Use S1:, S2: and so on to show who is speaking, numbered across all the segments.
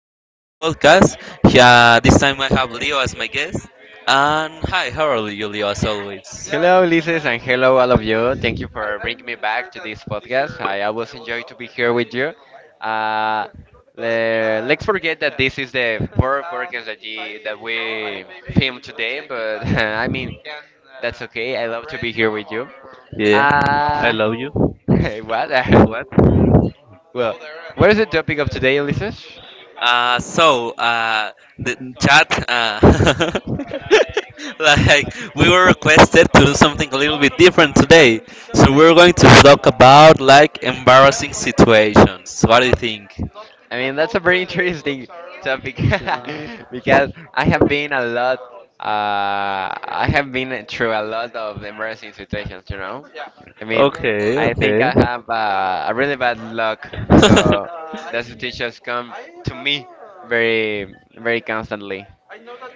S1: again in my podcast. Yeah, this time I have Leo as my guest. And hi, how are you, Leo, as always?
S2: Hello, Ulises, and hello, all of you. Thank you for bringing me back to this podcast. I always enjoy to be here with you. Uh, let's forget that this is the fourth podcast that we filmed today, but I mean, that's okay. I love to be here with you.
S1: Yeah.
S2: Uh, what? Well, what is the topic of today, Ulises?
S1: Uh, so, uh, the chat, like, we were requested to do something a little bit different today. So, we're going to talk about, like, embarrassing situations. What do you think?
S2: I mean, that's a very interesting topic because I have been a lot. I have been through a lot of embarrassing situations. I mean,
S1: Okay,
S2: I think
S1: okay.
S2: I have a really bad luck, so the situations come to me very, very constantly.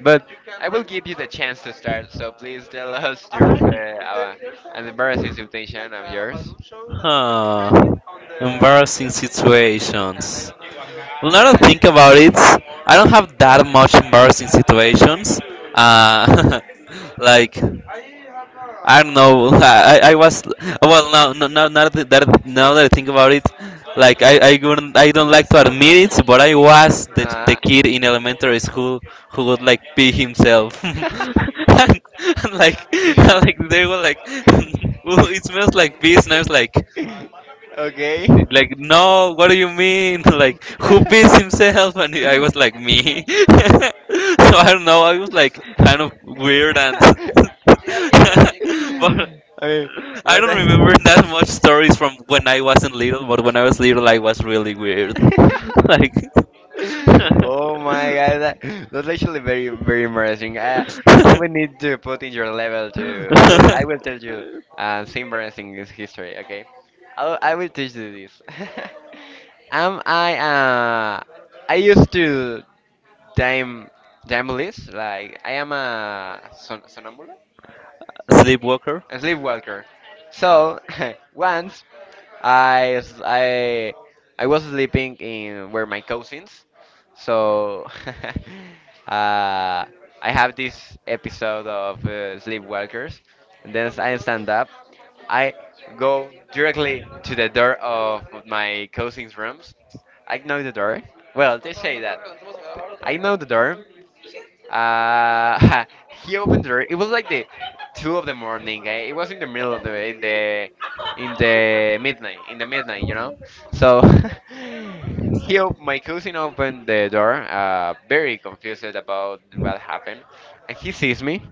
S2: But I will give you the chance to start, so please tell us your an embarrassing situation of yours.
S1: Huh. Embarrassing situations. Well, now that I think about it, I don't have that much embarrassing situations. Uh, like I don't know. I was well now no now now that that- now that I think about it, like I don't like to admit it, but I was the
S2: Uh,
S1: kid in elementary school who would like pee himself, and like like they were like, well it smells like pee, and I was like,
S2: okay.
S1: it's like, no, what do you mean? Like, who beats himself? And I was like, me. So I don't know. I was like kind of weird and, but
S2: I mean,
S1: I
S2: what?
S1: don't remember
S2: the-
S1: that much stories from when I wasn't little. But when I was little, I was really weird. Like,
S2: Oh my god, that's actually very very embarrassing. I will need to put in your level too. I will tell you some embarrassing is history, okay? I will teach you this. um I uh I used to time damblist, like I am a somnambulist,
S1: sleepwalker.
S2: a sleepwalker. So once I I was sleeping in where my cousins, so uh, I have this episode of Sleepwalkers, and then as I stand up. I go directly to the door of my cousins' rooms. I know the door. Well, they say that. I know the door, uh, he opened the door. It was like the two of the morning. It was in the middle of the midnight in the midnight, you know. So my cousin opened the door, very confused about what happened, and he sees me.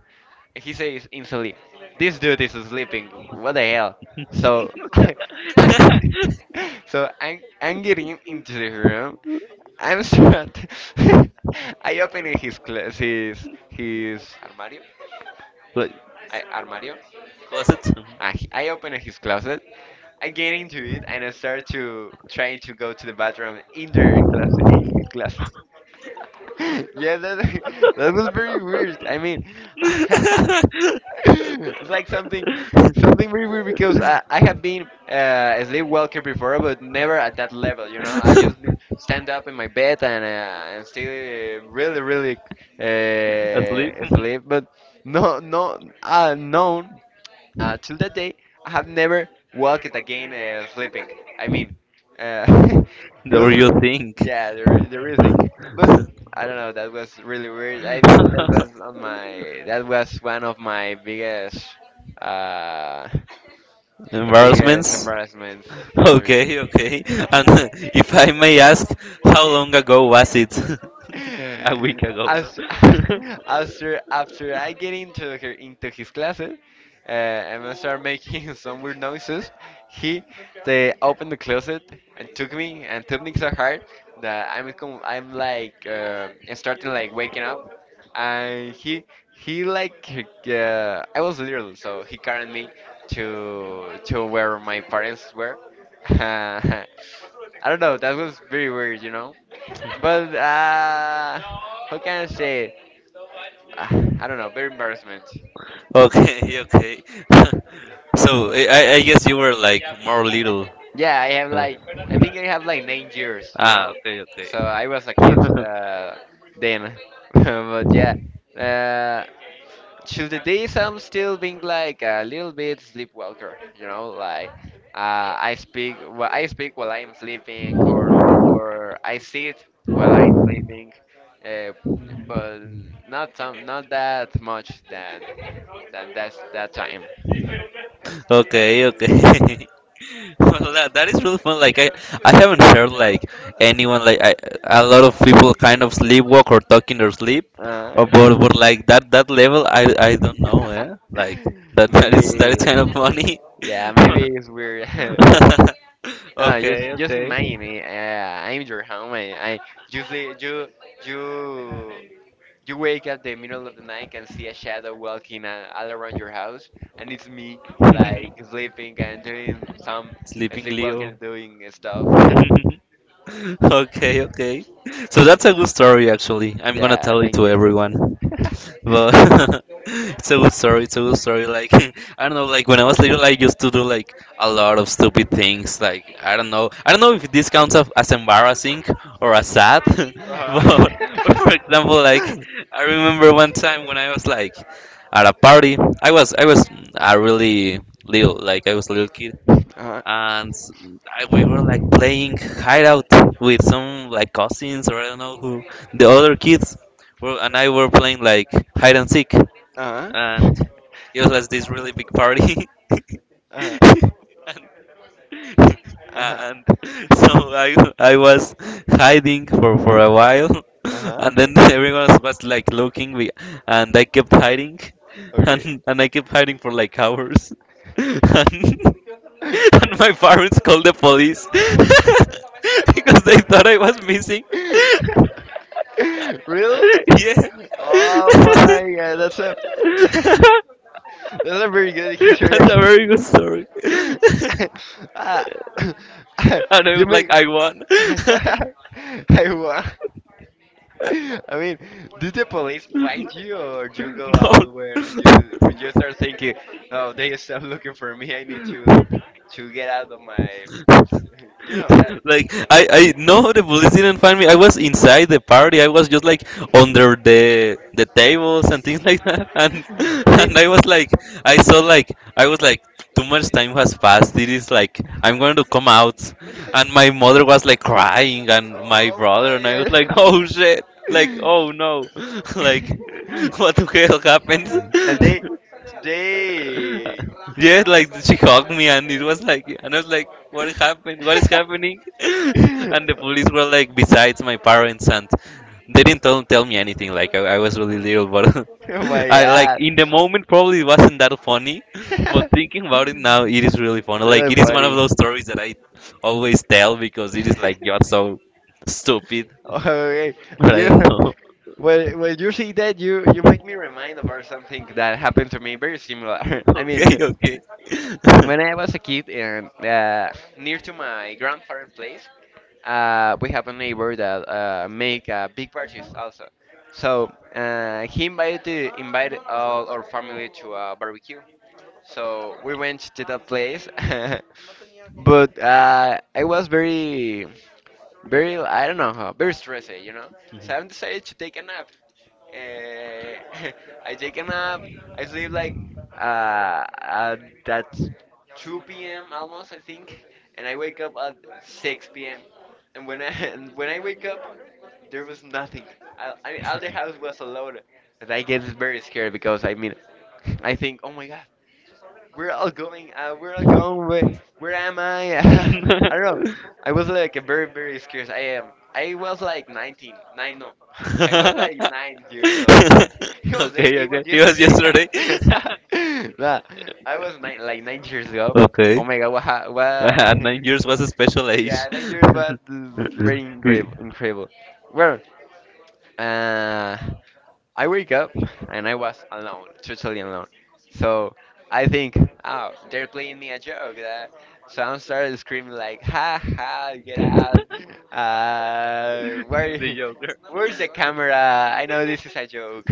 S2: He says in sleep, this dude is sleeping. What the hell? So, I'm, so I'm getting into the room. I'm start. I open his cl- his armario.
S1: Like,
S2: Armario.
S1: was it?
S2: I open his closet. I get into it and I start to try to go to the bathroom in their closet, in his closet. Yeah, that that was very weird. I mean, it's like something very weird because I have been a sleepwalker before, but never at that level. You know, I just stand up in my bed and still really, really
S1: Asleep?
S2: sleep. But no. Till that day, I have never walked again sleeping. I mean, uh, it
S1: The real
S2: was,
S1: thing.
S2: yeah, the real thing. But I don't know, that was really weird. I mean, that was one of my uh, the biggest
S1: Embarrassments?
S2: embarrassments history.
S1: Okay, okay. And if I may ask, how long ago was it? A week ago.
S2: After, after I get into her into his classes and I start making some weird noises, he they opened the closet and took me so hard that I'm like starting like waking up and he like I was little so he carried me to where my parents were. I don't know, that was very weird, you know, but how can I say? I don't know. Very embarrassment.
S1: Okay, okay. So I guess you were like more little.
S2: Yeah, I have
S1: Uh,
S2: like I think I have like 9 years. You know,
S1: Okay, okay.
S2: so I was a kid then. But yeah, uh, to the days I'm still being like a little bit sleepwalker, you know, like I speak while I'm sleeping, or I sit while I'm sleeping, uh, but not not that much than that that time.
S1: Okay, okay. Well, that is really fun. Like I haven't heard like anyone like I, a lot of people kind of sleepwalk or talk in their sleep, or
S2: Uh,
S1: but like that level I don't know, eh? Like that is
S2: Maybe.
S1: kind of funny.
S2: Yeah, maybe it's weird. No,
S1: Okay,
S2: just
S1: okay.
S2: imagine it. I'm your home. And I just, sleep, you you wake up the middle of the night and see a shadow walking all around your house, and it's me like sleeping and doing some
S1: Sleeping
S2: sleepwalking
S1: Leo.
S2: and doing stuff.
S1: Okay, okay. So that's a good story, actually. I'm gonna
S2: Yeah,
S1: tell it
S2: thank
S1: to
S2: you, thank
S1: everyone.
S2: you.
S1: But it's a good story. It's a good story. Like I don't know. Like when I was little, I used to do like a lot of stupid things. Like I don't know. I don't know if this counts as embarrassing or as sad.
S2: uh
S1: But for example, like
S2: uh
S1: I remember one time when I was like at a party. I was a really little. Like I was a little kid
S2: huh.
S1: and we were like playing hideout with some like cousins or I don't know who the other kids were, and I were playing like hide and seek,
S2: uh huh.
S1: and it was like this really big party.
S2: uh
S1: And
S2: huh.
S1: and so I I was hiding for a while,
S2: uh uh
S1: and then everyone was like looking, and I kept hiding,
S2: Okay.
S1: and I kept hiding for like hours, and my parents called the police because they thought I was missing.
S2: Really?
S1: Yeah,
S2: Oh my god, that's a that's a very good history
S1: that's a
S2: actually.
S1: very good story.
S2: Ah,
S1: And I
S2: You
S1: was like,
S2: make
S1: I won.
S2: I won. I mean, did the police find you, or you go out when you start thinking, oh, they stop looking for me. I need to get out of my,
S1: No.
S2: you know that.
S1: Like I no the police didn't find me. I was inside the party. I was just like under the tables and things like that. And
S2: I mean,
S1: and I was like I saw like I was like too much time has passed. It is like I'm going to come out. And my mother was like crying and my
S2: oh
S1: brother and I was like oh
S2: my
S1: shit like oh no
S2: god.
S1: like what the hell happened.
S2: And they
S1: Yeah, like she hugged me, and it was like, and I was like, what happened? What is happening? And the police were like, besides my parents, and they didn't tell me anything. Like I was really little, but
S2: oh my
S1: I like
S2: god
S1: in the moment probably it wasn't that funny, but thinking about it now, it is really funny. Like
S2: really
S1: it is one of
S2: funny
S1: those stories that I always tell because it is like you're so stupid,
S2: okay
S1: but I
S2: you.
S1: don't know.
S2: Well, when you see that, you make me remind about something that happened to me very similar. I
S1: Okay,
S2: mean,
S1: okay. Mhm.
S2: When I was a kid and near to my grandparents' place, we have a neighbor that make big parties also. So he invited all our family to a barbecue. So we went to that place, but I was very I don't know how very stressed, you know. So I decided to take a nap. Uh, I take a nap. I sleep like at that 2 p.m. almost I think, and I wake up at 6 p.m. And when I and when I wake up, there was nothing. I mean, all the house was alone, and I get very scared because I mean, I think, oh my god, we're all going. We're all going. Where am I? I don't know. I was like very, very scared. I am. I was like 19. Nine, no. I was like 9 years old. It was.
S1: Okay,
S2: It was
S1: okay. It was
S2: yesterday.
S1: yesterday.
S2: Nah, I was nine, like 9 years ago.
S1: Okay.
S2: Oh my god! What? What?
S1: At 9 years was a special age.
S2: Yeah, 9 years. What? Is
S1: The
S2: very incredible. Incredible. Well, uh, I wake up and I was alone, totally alone. So I think, oh, they're playing me a joke. That So I started screaming like, ha ha, get out! Uh, where,
S1: Joker.
S2: where's the camera? I know this is a joke.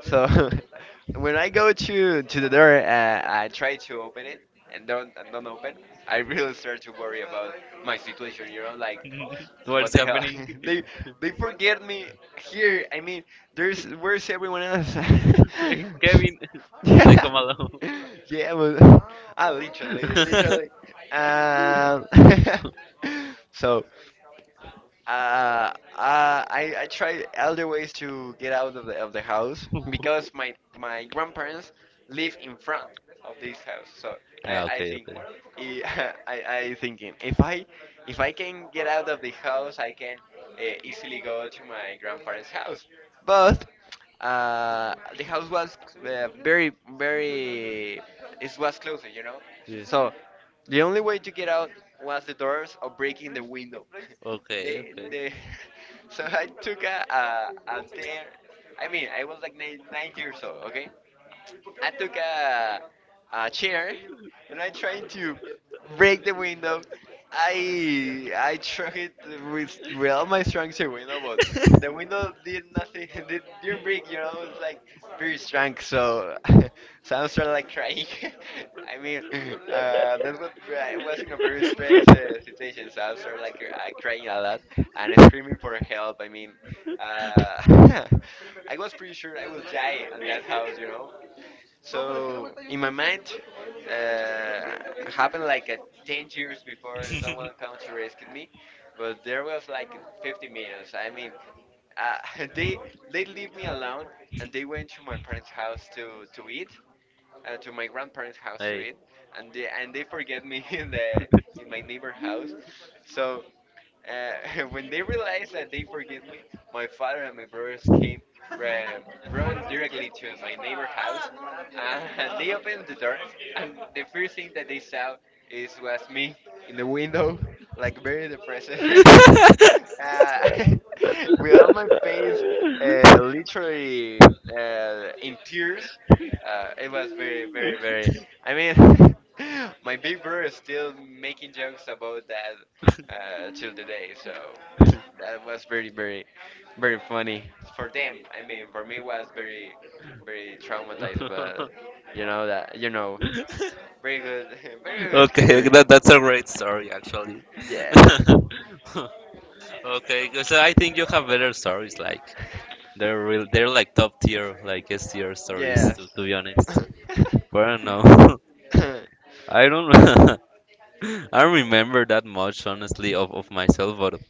S2: So when I go to the door, I try to open it and don't open. I really start to worry about my situation. You know, like what
S1: What's
S2: the hell?
S1: happening?
S2: they they forget me here. I mean, there's where's everyone else?
S1: Like Kevin, like
S2: Yeah,
S1: come
S2: yeah, but ah, literally,
S1: alone.
S2: literally. Um, so uh, I try other ways to get out of of the house because my grandparents live in front of this house. So
S1: Ah, I, I
S2: I
S1: okay,
S2: think
S1: okay.
S2: I, I, I thinking if I can get out of the house, I can easily go to my grandparents' house. But the house was very it was closer, you know.
S1: Yeah.
S2: So the only way to get out was the doors or breaking the window.
S1: Okay,
S2: they,
S1: okay.
S2: they, so I took a dare. I mean, I was like 9 years old, okay? I took a chair and I tried to break the window. I tried it with all my strength to the window, but the window did nothing. It didn't break. You know, it's like very strong. So, so I started like crying. I mean, that was I was in a very stressed situation. So I started like crying a lot and screaming for help. I mean, uh, I was pretty sure I would die in that house. You know. So in my mind, happened like 10 years before someone come to rescue me, but there was like 50 minutes. I mean, uh, they they leave me alone and they went to my parents' house to eat, to my grandparents' house to eat, and they forget me in the in my neighbor house. So. When they realized that they forgive me, my father and my brothers came ra- running directly to my neighbor house, and they opened the door. And the first thing that they saw is was me in the window, like very depressed, uh, with all my face literally in tears. It was very, very, very. I mean, my big brother is still making jokes about that till the day. So that was very, very, very funny for them. I mean, for me was very, very traumatized, but you know, very good, very good
S1: Okay,
S2: history.
S1: that's a great story actually.
S2: Yeah.
S1: Yeah. Okay, 'cause I think you have better stories like they're real they're like top tier, like S tier stories
S2: Yes.
S1: to be honest. But I don't know. I don't I don't remember that much, honestly, of myself, but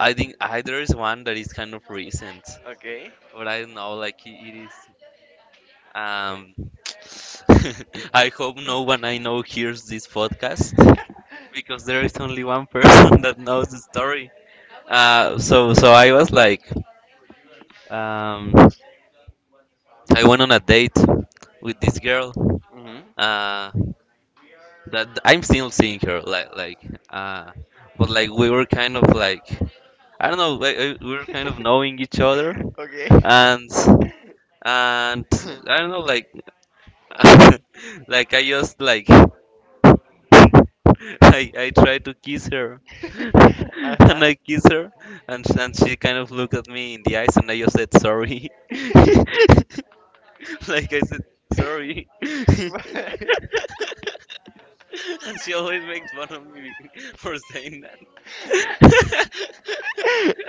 S1: I think there is one that is kind of recent,
S2: Okay.
S1: but I don't know, like it is. Um, I hope no one I know hears this podcast because there is only one person that knows the story. So I was like, um, I went on a date with this girl.
S2: Mhm.
S1: Uh, that I'm still seeing her, like like, uh, but like we were kind of like I don't know. Like we were kind of knowing each other,
S2: Okay.
S1: and and I don't know. Like like I just like I I tried to kiss her,
S2: uh
S1: and
S2: huh.
S1: I kiss her, and and she kind of looked at me in the eyes, and I just said sorry. Like I said sorry, and she always makes fun of me for saying that.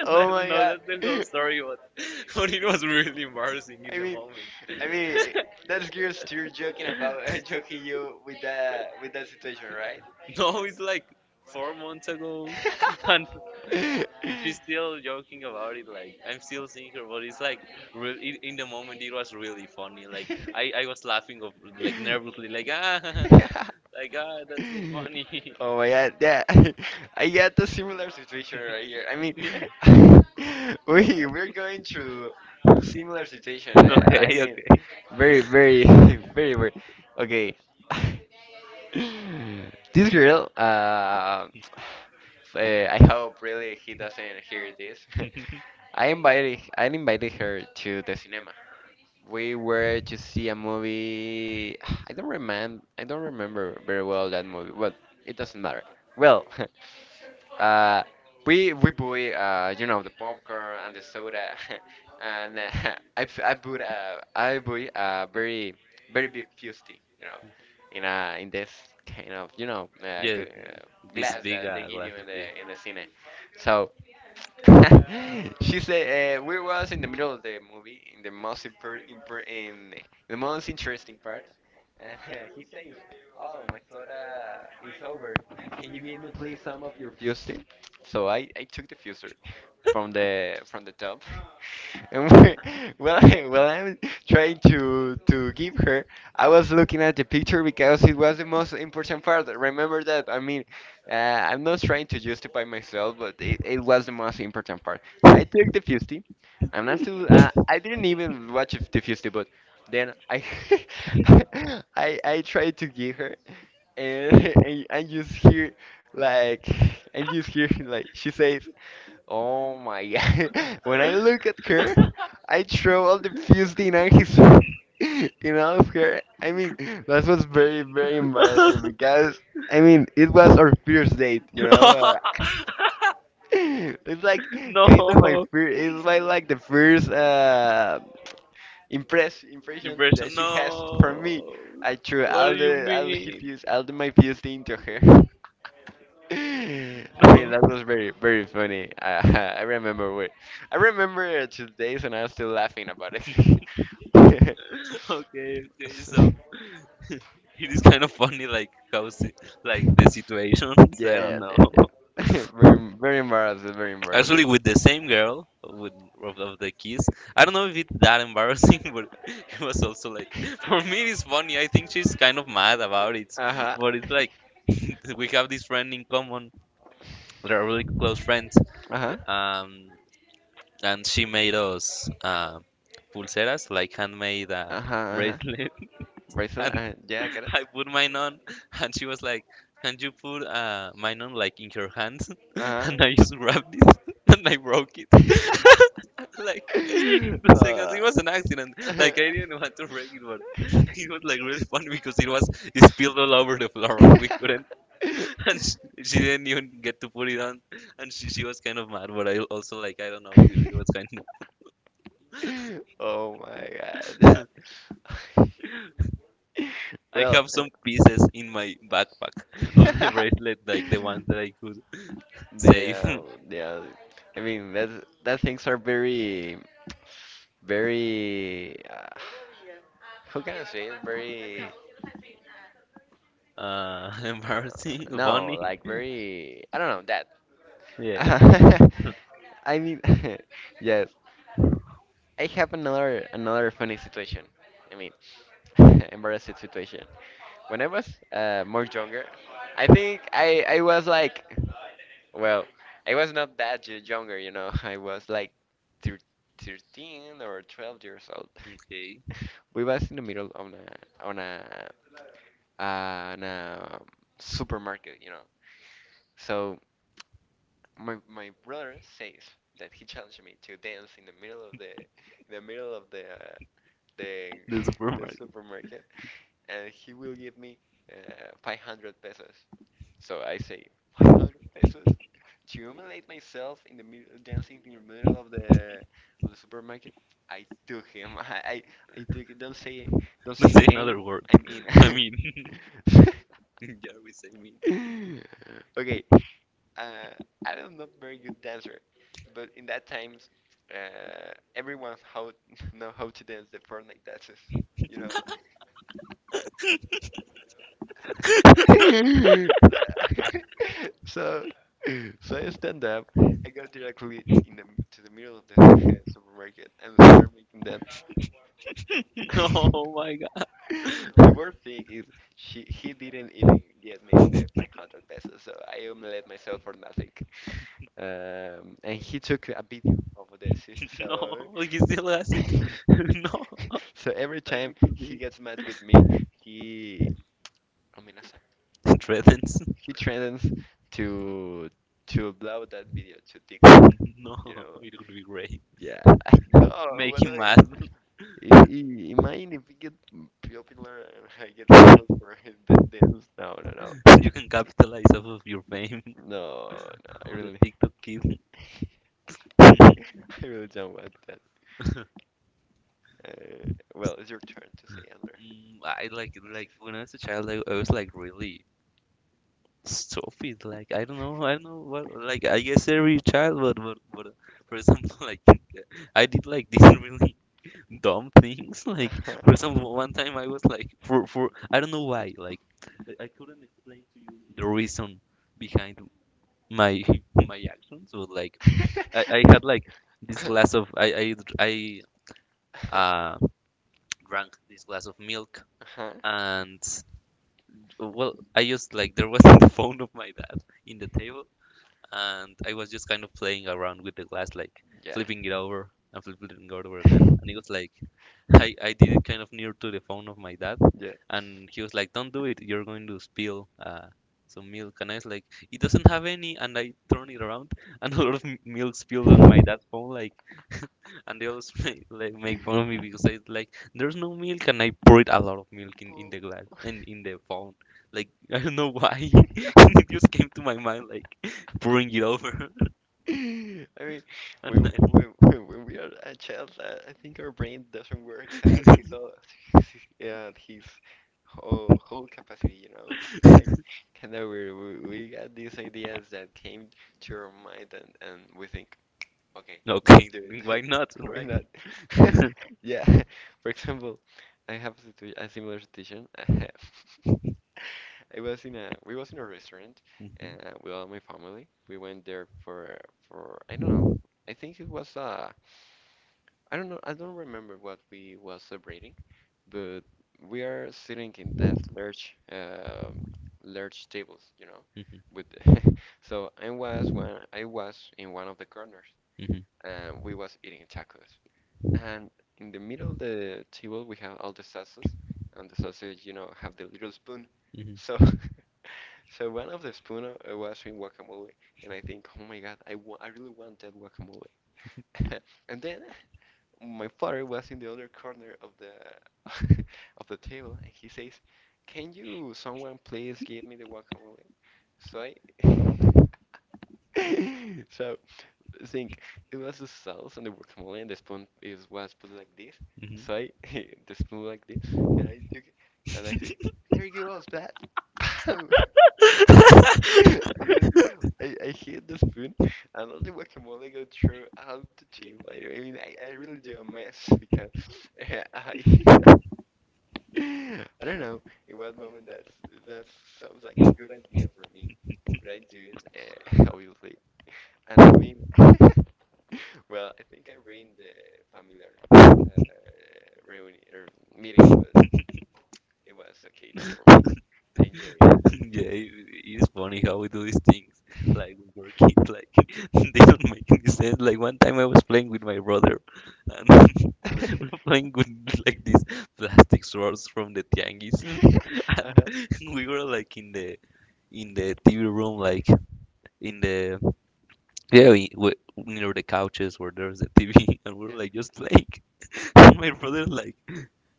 S1: And I
S2: Oh
S1: don't
S2: my
S1: know
S2: god.
S1: that there's no story, but but it was really embarrassing in
S2: I
S1: the
S2: mean,
S1: moment.
S2: I mean, that's girls you're joking
S1: About
S2: about, joking
S1: choking you
S2: you
S1: with
S2: with
S1: with that with
S2: that
S1: that
S2: situation,
S1: situation,
S2: right?
S1: right? No, it's like 4 months ago, and she's still joking about it. Like I'm still seeing her, but it's like real I in the moment it was really funny. Like I was laughing of like nervously, like ah, like ah, that's so funny.
S2: Oh my god, yeah. I got a similar situation
S1: Picture
S2: right
S1: right
S2: here.
S1: here,
S2: I
S1: I'm
S2: mean,
S1: yeah,
S2: we we're going through similar
S1: similar
S2: situation.
S1: situation.
S2: Eh? I
S1: Okay,
S2: mean,
S1: okay.
S2: very very very weird. Okay. This girl, I hope really he doesn't hear this. I invited her to the cinema. We were to see a movie. I don't remember very well that movie, but it doesn't matter. Well, uh, we buy you know, the popcorn and the soda, and I p- I put I buy a very big fusty, you know, in this kind of, you know,
S1: Yeah, this
S2: glass
S1: big
S2: that they
S1: that
S2: give
S1: glass.
S2: you
S1: Glasses. Yeah.
S2: in the cine. So she said we was in the middle of the movie in the most interesting part, and he says, oh, my soda is over, can you give me please some of your fuser. So I took the fuser from the top, and, well, I'm trying to give her. I was looking at the picture because it was the most important part, remember that. I mean, I'm not trying to justify myself, but it was the most important part. So I took the Fusty. I'm not too. I didn't even watch the Fusty, but then I I tried to give her, and and I just hear, like, I just hear like she says, "Oh my God!" When I look at her, I throw all the fused in his, in all of her. I mean, that was very embarrassing because, I mean, it was our first date, you know. It's like kind of my first. It's my, like, the first, impression that she has from me. I threw all the my fused into her. I mean, that was very, very funny. I, I remember what I remember today's, and I'm still laughing about it.
S1: Okay, okay. So it is kind of funny, like how like the situations. I yeah, don't
S2: Yeah,
S1: know.
S2: yeah, yeah. Very, very embarrassing, very embarrassing.
S1: Actually, with the same girl, with of the kiss. I don't know if it's that embarrassing, but it was also like for me it's funny. I think she's kind of mad about it,
S2: Uh huh.
S1: but it's like we have this friend in common. They're really close friends.
S2: Uh huh.
S1: Um, and she made us pulseras, like handmade
S2: Uh huh. Uh huh.
S1: bracelet.
S2: Razor?
S1: And
S2: Yeah, I get it.
S1: I put mine on, and she was like, "Can you put mine on like in your hand?"
S2: Uh huh.
S1: And I just grabbed it, and I broke it. Like in 2 seconds,
S2: Uh.
S1: it was an accident. Like I didn't want to break it, but it was like really funny because it spilled all over the floor, and we couldn't. And she didn't even get to put it on, and she was kind of mad. But I also like I don't know, it was kind of
S2: Oh my god, yeah.
S1: I
S2: Well,
S1: have some pieces in my backpack of the bracelet, like the ones that I could
S2: they,
S1: save.
S2: yeah. I mean, that that things are very, very. Who can I say it? Very. Uh,
S1: Embarrassing,
S2: no,
S1: funny.
S2: like, very. I don't know
S1: Yeah.
S2: that. I mean, yes. I have another funny situation. I mean, embarrassing situation. When I was, more younger, I think I was like, well, I was not that younger, you know. I was like thir 13 or 12 years old.
S1: Okay.
S2: We was in the middle of a on a uh, on a supermarket, you know. So my brother says that he challenged me to dance in the middle of the, in the middle of the the supermarket, and he will give me 500 pesos. So I say, 500 pesos to humiliate myself in the middle, dancing in the middle of the supermarket. I took him. I took it. Don't
S1: Don't
S2: say the
S1: say
S2: game.
S1: another word.
S2: I'm in.
S1: I mean, yeah, we say mean.
S2: Okay. Uh, I am not very good dancer, but in that times, everyone how know how to dance the Fortnite dances. You know. So, so I stand up. I go directly in the, to the middle of the supermarket and stand them.
S1: No, oh my God.
S2: The worst thing is she he didn't even get me the 500 pesos, so I humiliated myself for nothing. And he took a video of this, so,
S1: No, he still has it. No.
S2: so every time he gets mad with me, he. Amenaza?
S1: Threatens.
S2: He threatens to upload that video to TikTok.
S1: No,
S2: You know,
S1: it would be great.
S2: yeah. No,
S1: Make
S2: what
S1: him mad.
S2: I- imagine if we get popular and I get for that dance. No, no, no,
S1: You can capitalize off of your fame
S2: no, no. I
S1: of the
S2: really,
S1: TikTok kid.
S2: I really don't want that. Uh, well, it's your turn to say, Andrew.
S1: Mm, I like when I was a child, I was like really stupid. Like I don't know what. Like I guess every child, but for example, like I did like these really dumb things. Like
S2: Uh-huh.
S1: for example, one time I was like for I don't know why. Like I couldn't explain to you the reason behind my my actions, but like I had like this glass of I drank this glass of milk
S2: Uh-huh.
S1: and well I just like there was the phone of my dad in the table and I was just kind of playing around with the glass like
S2: Yeah.
S1: flipping it over and flipping it over again and it was like I did it kind of near to the phone of my dad,
S2: Yeah.
S1: and he was like, "Don't do it. You're going to spill some milk." And I was like, "It doesn't have any." And I turned it around, and a lot of milk spilled on my dad's phone. Like, and they always make, like make fun of me because I was like, "There's no milk," and I poured a lot of milk in,
S2: Oh.
S1: the glass and in, the phone. Like, I don't know why. It just came to my mind, like pouring it over,
S2: I mean,
S1: and I,
S2: when we are a child, I think our brain doesn't work at his all, at his whole, whole capacity, you know? Kind of weird. We got these ideas that came to our mind, and we think, okay, let's
S1: okay,
S2: do
S1: why
S2: it.
S1: not,
S2: Why
S1: right?
S2: not? Yeah. For example, I have a, a similar situation. I was in a We was in a restaurant
S1: Mhm,
S2: with all my family. We went there for I don't know. I think it was I don't know. I don't remember what we was celebrating, but we are sitting in that large, large tables, you know,
S1: mhm,
S2: with so I was one I was in one of the corners,
S1: mhm,
S2: and we was eating tacos. And in the middle of the table we have all the sauces, and the sauces, you know, have the little spoon.
S1: mhm,
S2: So so one of the spoon was in guacamole, and I think, oh my god, I really want that guacamole. And then my father was in the other corner of the of the table, and he says, "Can you someone please give me the guacamole?" So I, so I think it was the sauce and the guacamole, and the spoon is was put like this.
S1: mhm.
S2: So I, the spoon like this, and I took it, and I said, there you go, splat. Pow! I just I hit the spoon, and all the guacamole go through out the table. I really do a mess because, I I don't know in what moment that's that sounds like a good idea for me. But I do it, obviously. And I mean, well, I think I ruined the family, reunion, meeting. It was okay to perform. I enjoy
S1: Yeah, it's funny how we do these things. Like we were kids, like they don't make any sense. Like one time I was playing with my brother, and we
S2: it.
S1: were playing with like these plastic swords from the tianguis, and
S2: Uh-huh.
S1: we were like in the TV room, like in the yeah, we, near the couches where there's the TV, and we're
S2: Yeah.
S1: like just playing. And my brother like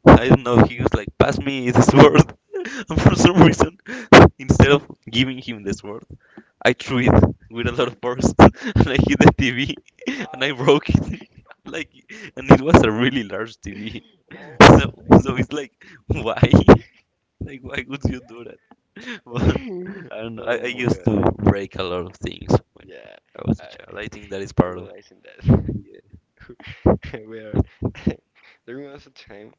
S1: I don't know. He was like, "Pass me the sword," and for some reason, instead of giving him the sword, I threw it with a lot of force, and I hit the TV, and I broke it. Like, and it was a really large TV.
S2: Oh.
S1: So, so it's like, why? Like, why would you do that? But I don't know. I
S2: Oh my
S1: used
S2: God.
S1: to break a lot of things when
S2: Yeah.
S1: I was a
S2: I
S1: child. I think that is
S2: I'm
S1: part of
S2: realizing that
S1: yeah,
S2: we are. There was a time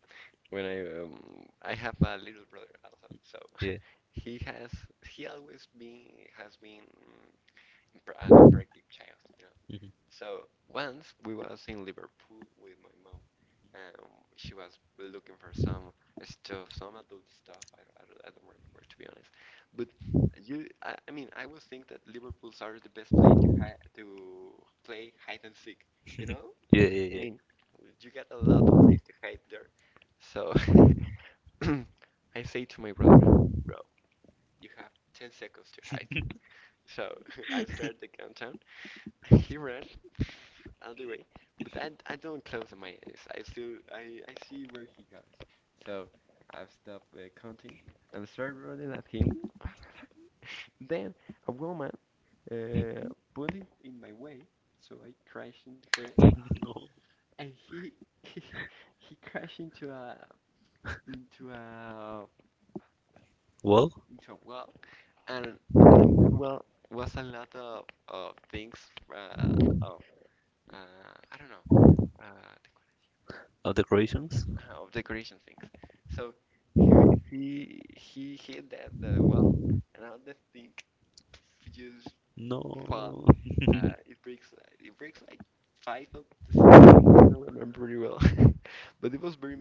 S2: when I, I have a little brother also, so
S1: yeah,
S2: he has he always been has been, an imperfect child, you know.
S1: mhm.
S2: So once we was in Liverpool with my mom, um, she was looking for some stuff, some adult stuff. I don't remember, to be honest, but I mean, I would think that Liverpool's are the best place to hi to play hide and seek, you know.
S1: Yeah, yeah,
S2: I
S1: yeah.
S2: mean, you got a lot of place to hide there, so. I say to my brother, bro, you have 10 seconds to hide. So I start the countdown. He ran all the way, but I don't close my eyes. I see where he goes. So I stop, counting, and start running at him. Then a woman, uh, put it in my way, so I crashed into her, and he, he crashed into a, into a so, well, and in that well was a lot of things, uh, of uh, I don't know, uh, decor-
S1: Of decorations?
S2: of decoration things. So he hit that the well, and all the thing just fall.
S1: No.
S2: Uh, it breaks it breaks like five of the. I don't remember very well, but it was very.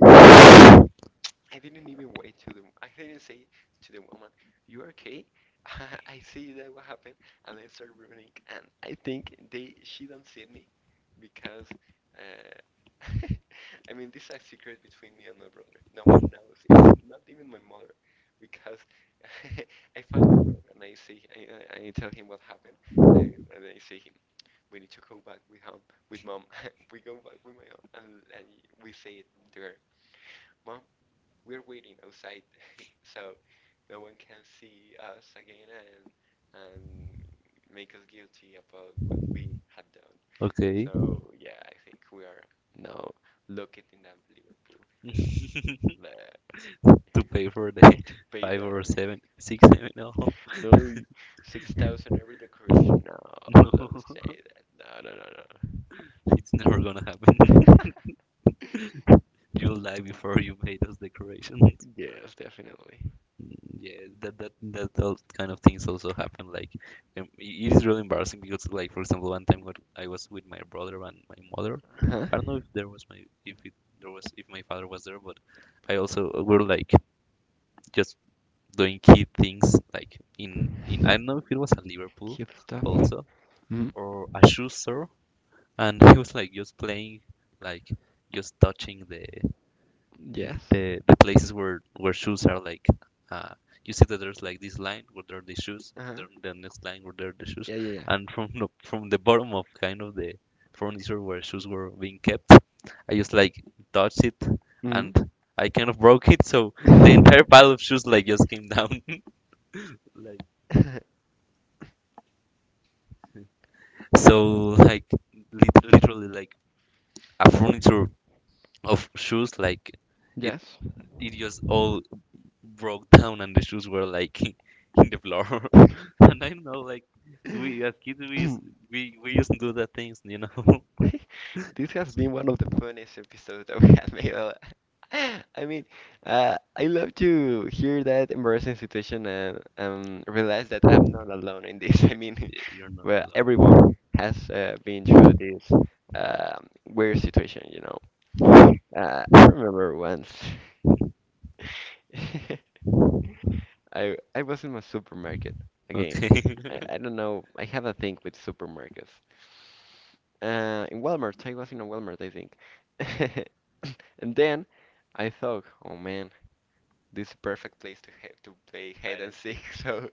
S2: I didn't even wait to the. I didn't say to the woman, "You okay?" I see that what happened, and I start running, and I think they she don't see me because, uh, I mean, this is a secret between me and my brother. No one knows, even, not even my mother, because, I find my brother, and I say, I tell him what happened, and, and I say him, we need to go back with home with mom. We go back with my mom, and we say to her, "Mom, we're waiting outside so no one can see us again, and make us guilty about what we had done."
S1: Okay.
S2: So yeah, I think we are now looking in that Liverpool, you
S1: To
S2: know,
S1: pay for the
S2: the, to pay
S1: five or
S2: that
S1: seven, six, seven. No,
S2: no, 6,000 every decoration. No,
S1: no,
S2: don't say that. No, no, no,
S1: it's never gonna happen.
S2: no.
S1: You'll die before you made those decorations. Mm,
S2: Yes, definitely.
S1: yeah, that those kind of things also happen. Like, it is really embarrassing because, like, for example, one time when I was with my brother and my mother,
S2: Uh-huh.
S1: I don't know if there was my if it there was if my father was there, but I also we were like just doing key things like in I don't know if it was at Liverpool
S2: Cute stuff.
S1: or,
S2: Mm,
S1: or a shoe store, and he was like just playing, like just touching the
S2: yes.
S1: the, the places where shoes are like. Uh, you see that there's like this line where there are the shoes,
S2: Uh-huh.
S1: there the next line where there are the shoes,
S2: Yeah, yeah,
S1: and from the bottom of kind of the furniture where shoes were being kept, I just like touched it
S2: yeah.
S1: and I kind of broke it, so the
S2: Mm.
S1: entire pile of shoes like just came down. Like so like literally like a furniture of shoes like it,
S2: Yes.
S1: it just all broke down and the shoes were like in the floor. And I don't know like so we as kids we used, we we used to do that things, you know.
S2: This has been one of the funniest episodes that we have made. Uh, I mean, I love to hear that embarrassing situation, and, realize that I'm not alone in this. I mean, well, everyone has, been through this, weird situation, you know. I remember once. I was in a supermarket again.
S1: Okay.
S2: I don't know. I have a thing with supermarkets. I was in a Walmart, I think. And then I thought, oh man, this is perfect place to ha to play hide and seek. So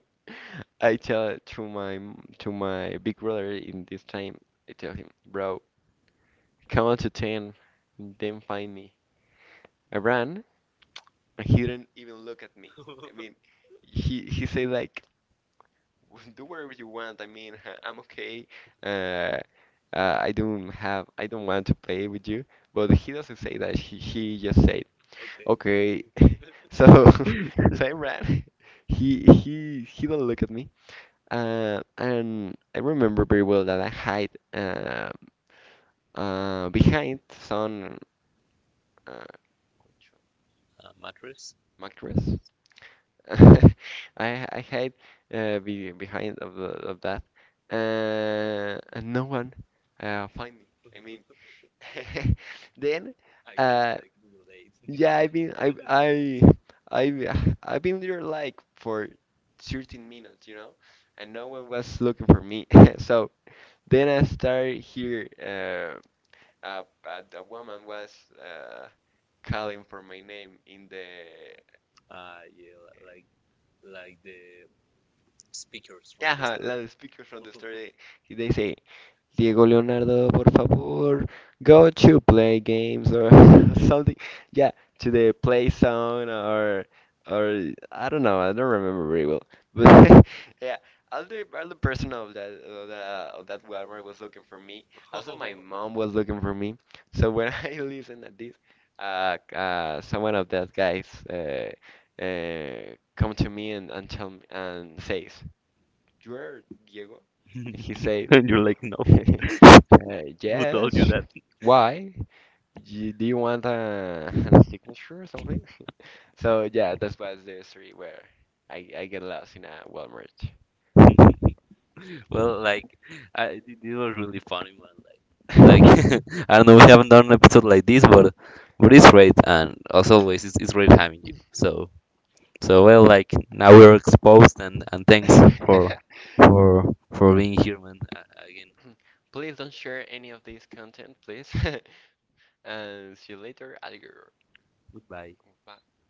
S2: I tell to my big brother in this time. I tell him, bro, count to ten, then find me. I ran, and he didn't even look at me. I mean, he said, like, do whatever you want. I mean, I'm okay. Uh, I don't want to play with you. But he doesn't say that. He just said, okay. So, so I ran. He don't look at me. And I remember very well that I hide, behind some, uh,
S1: A mattress?
S2: mattress. I hide, behind of the, of that, and no one, find me. I mean, then,
S1: I
S2: uh, yeah, I I've been there like for 13 minutes, you know, and no one was looking for me. So then I started here, a woman was, uh, calling for my name in the Ajá, la de Speaker from the Story. Y they say, Diego Leonardo, por favor, go to play games or something. Yeah, to the play zone, or I don't know. I don't remember very well. But yeah, all the person of that of that Walmart was looking for me. Also, my mom was looking for me. So when, I listened at this, someone of that guys, come to me and tell me, and says, you are Diego? He said,
S1: and you're like, no, who
S2: yes.
S1: told you that?
S2: Why? Do you want a, a signature or something? So, yeah, that was the story where I get lost in a Walmart.
S1: Well, like, I, it was really funny, man. Like I don't know, we haven't done an episode like this, but it's great, and as always, it's great having you. So well, like now we're exposed, and thanks for being here, man. Again,
S2: Please don't share any of this content, please. And see you later, alligator.
S1: goodbye.
S2: Bye.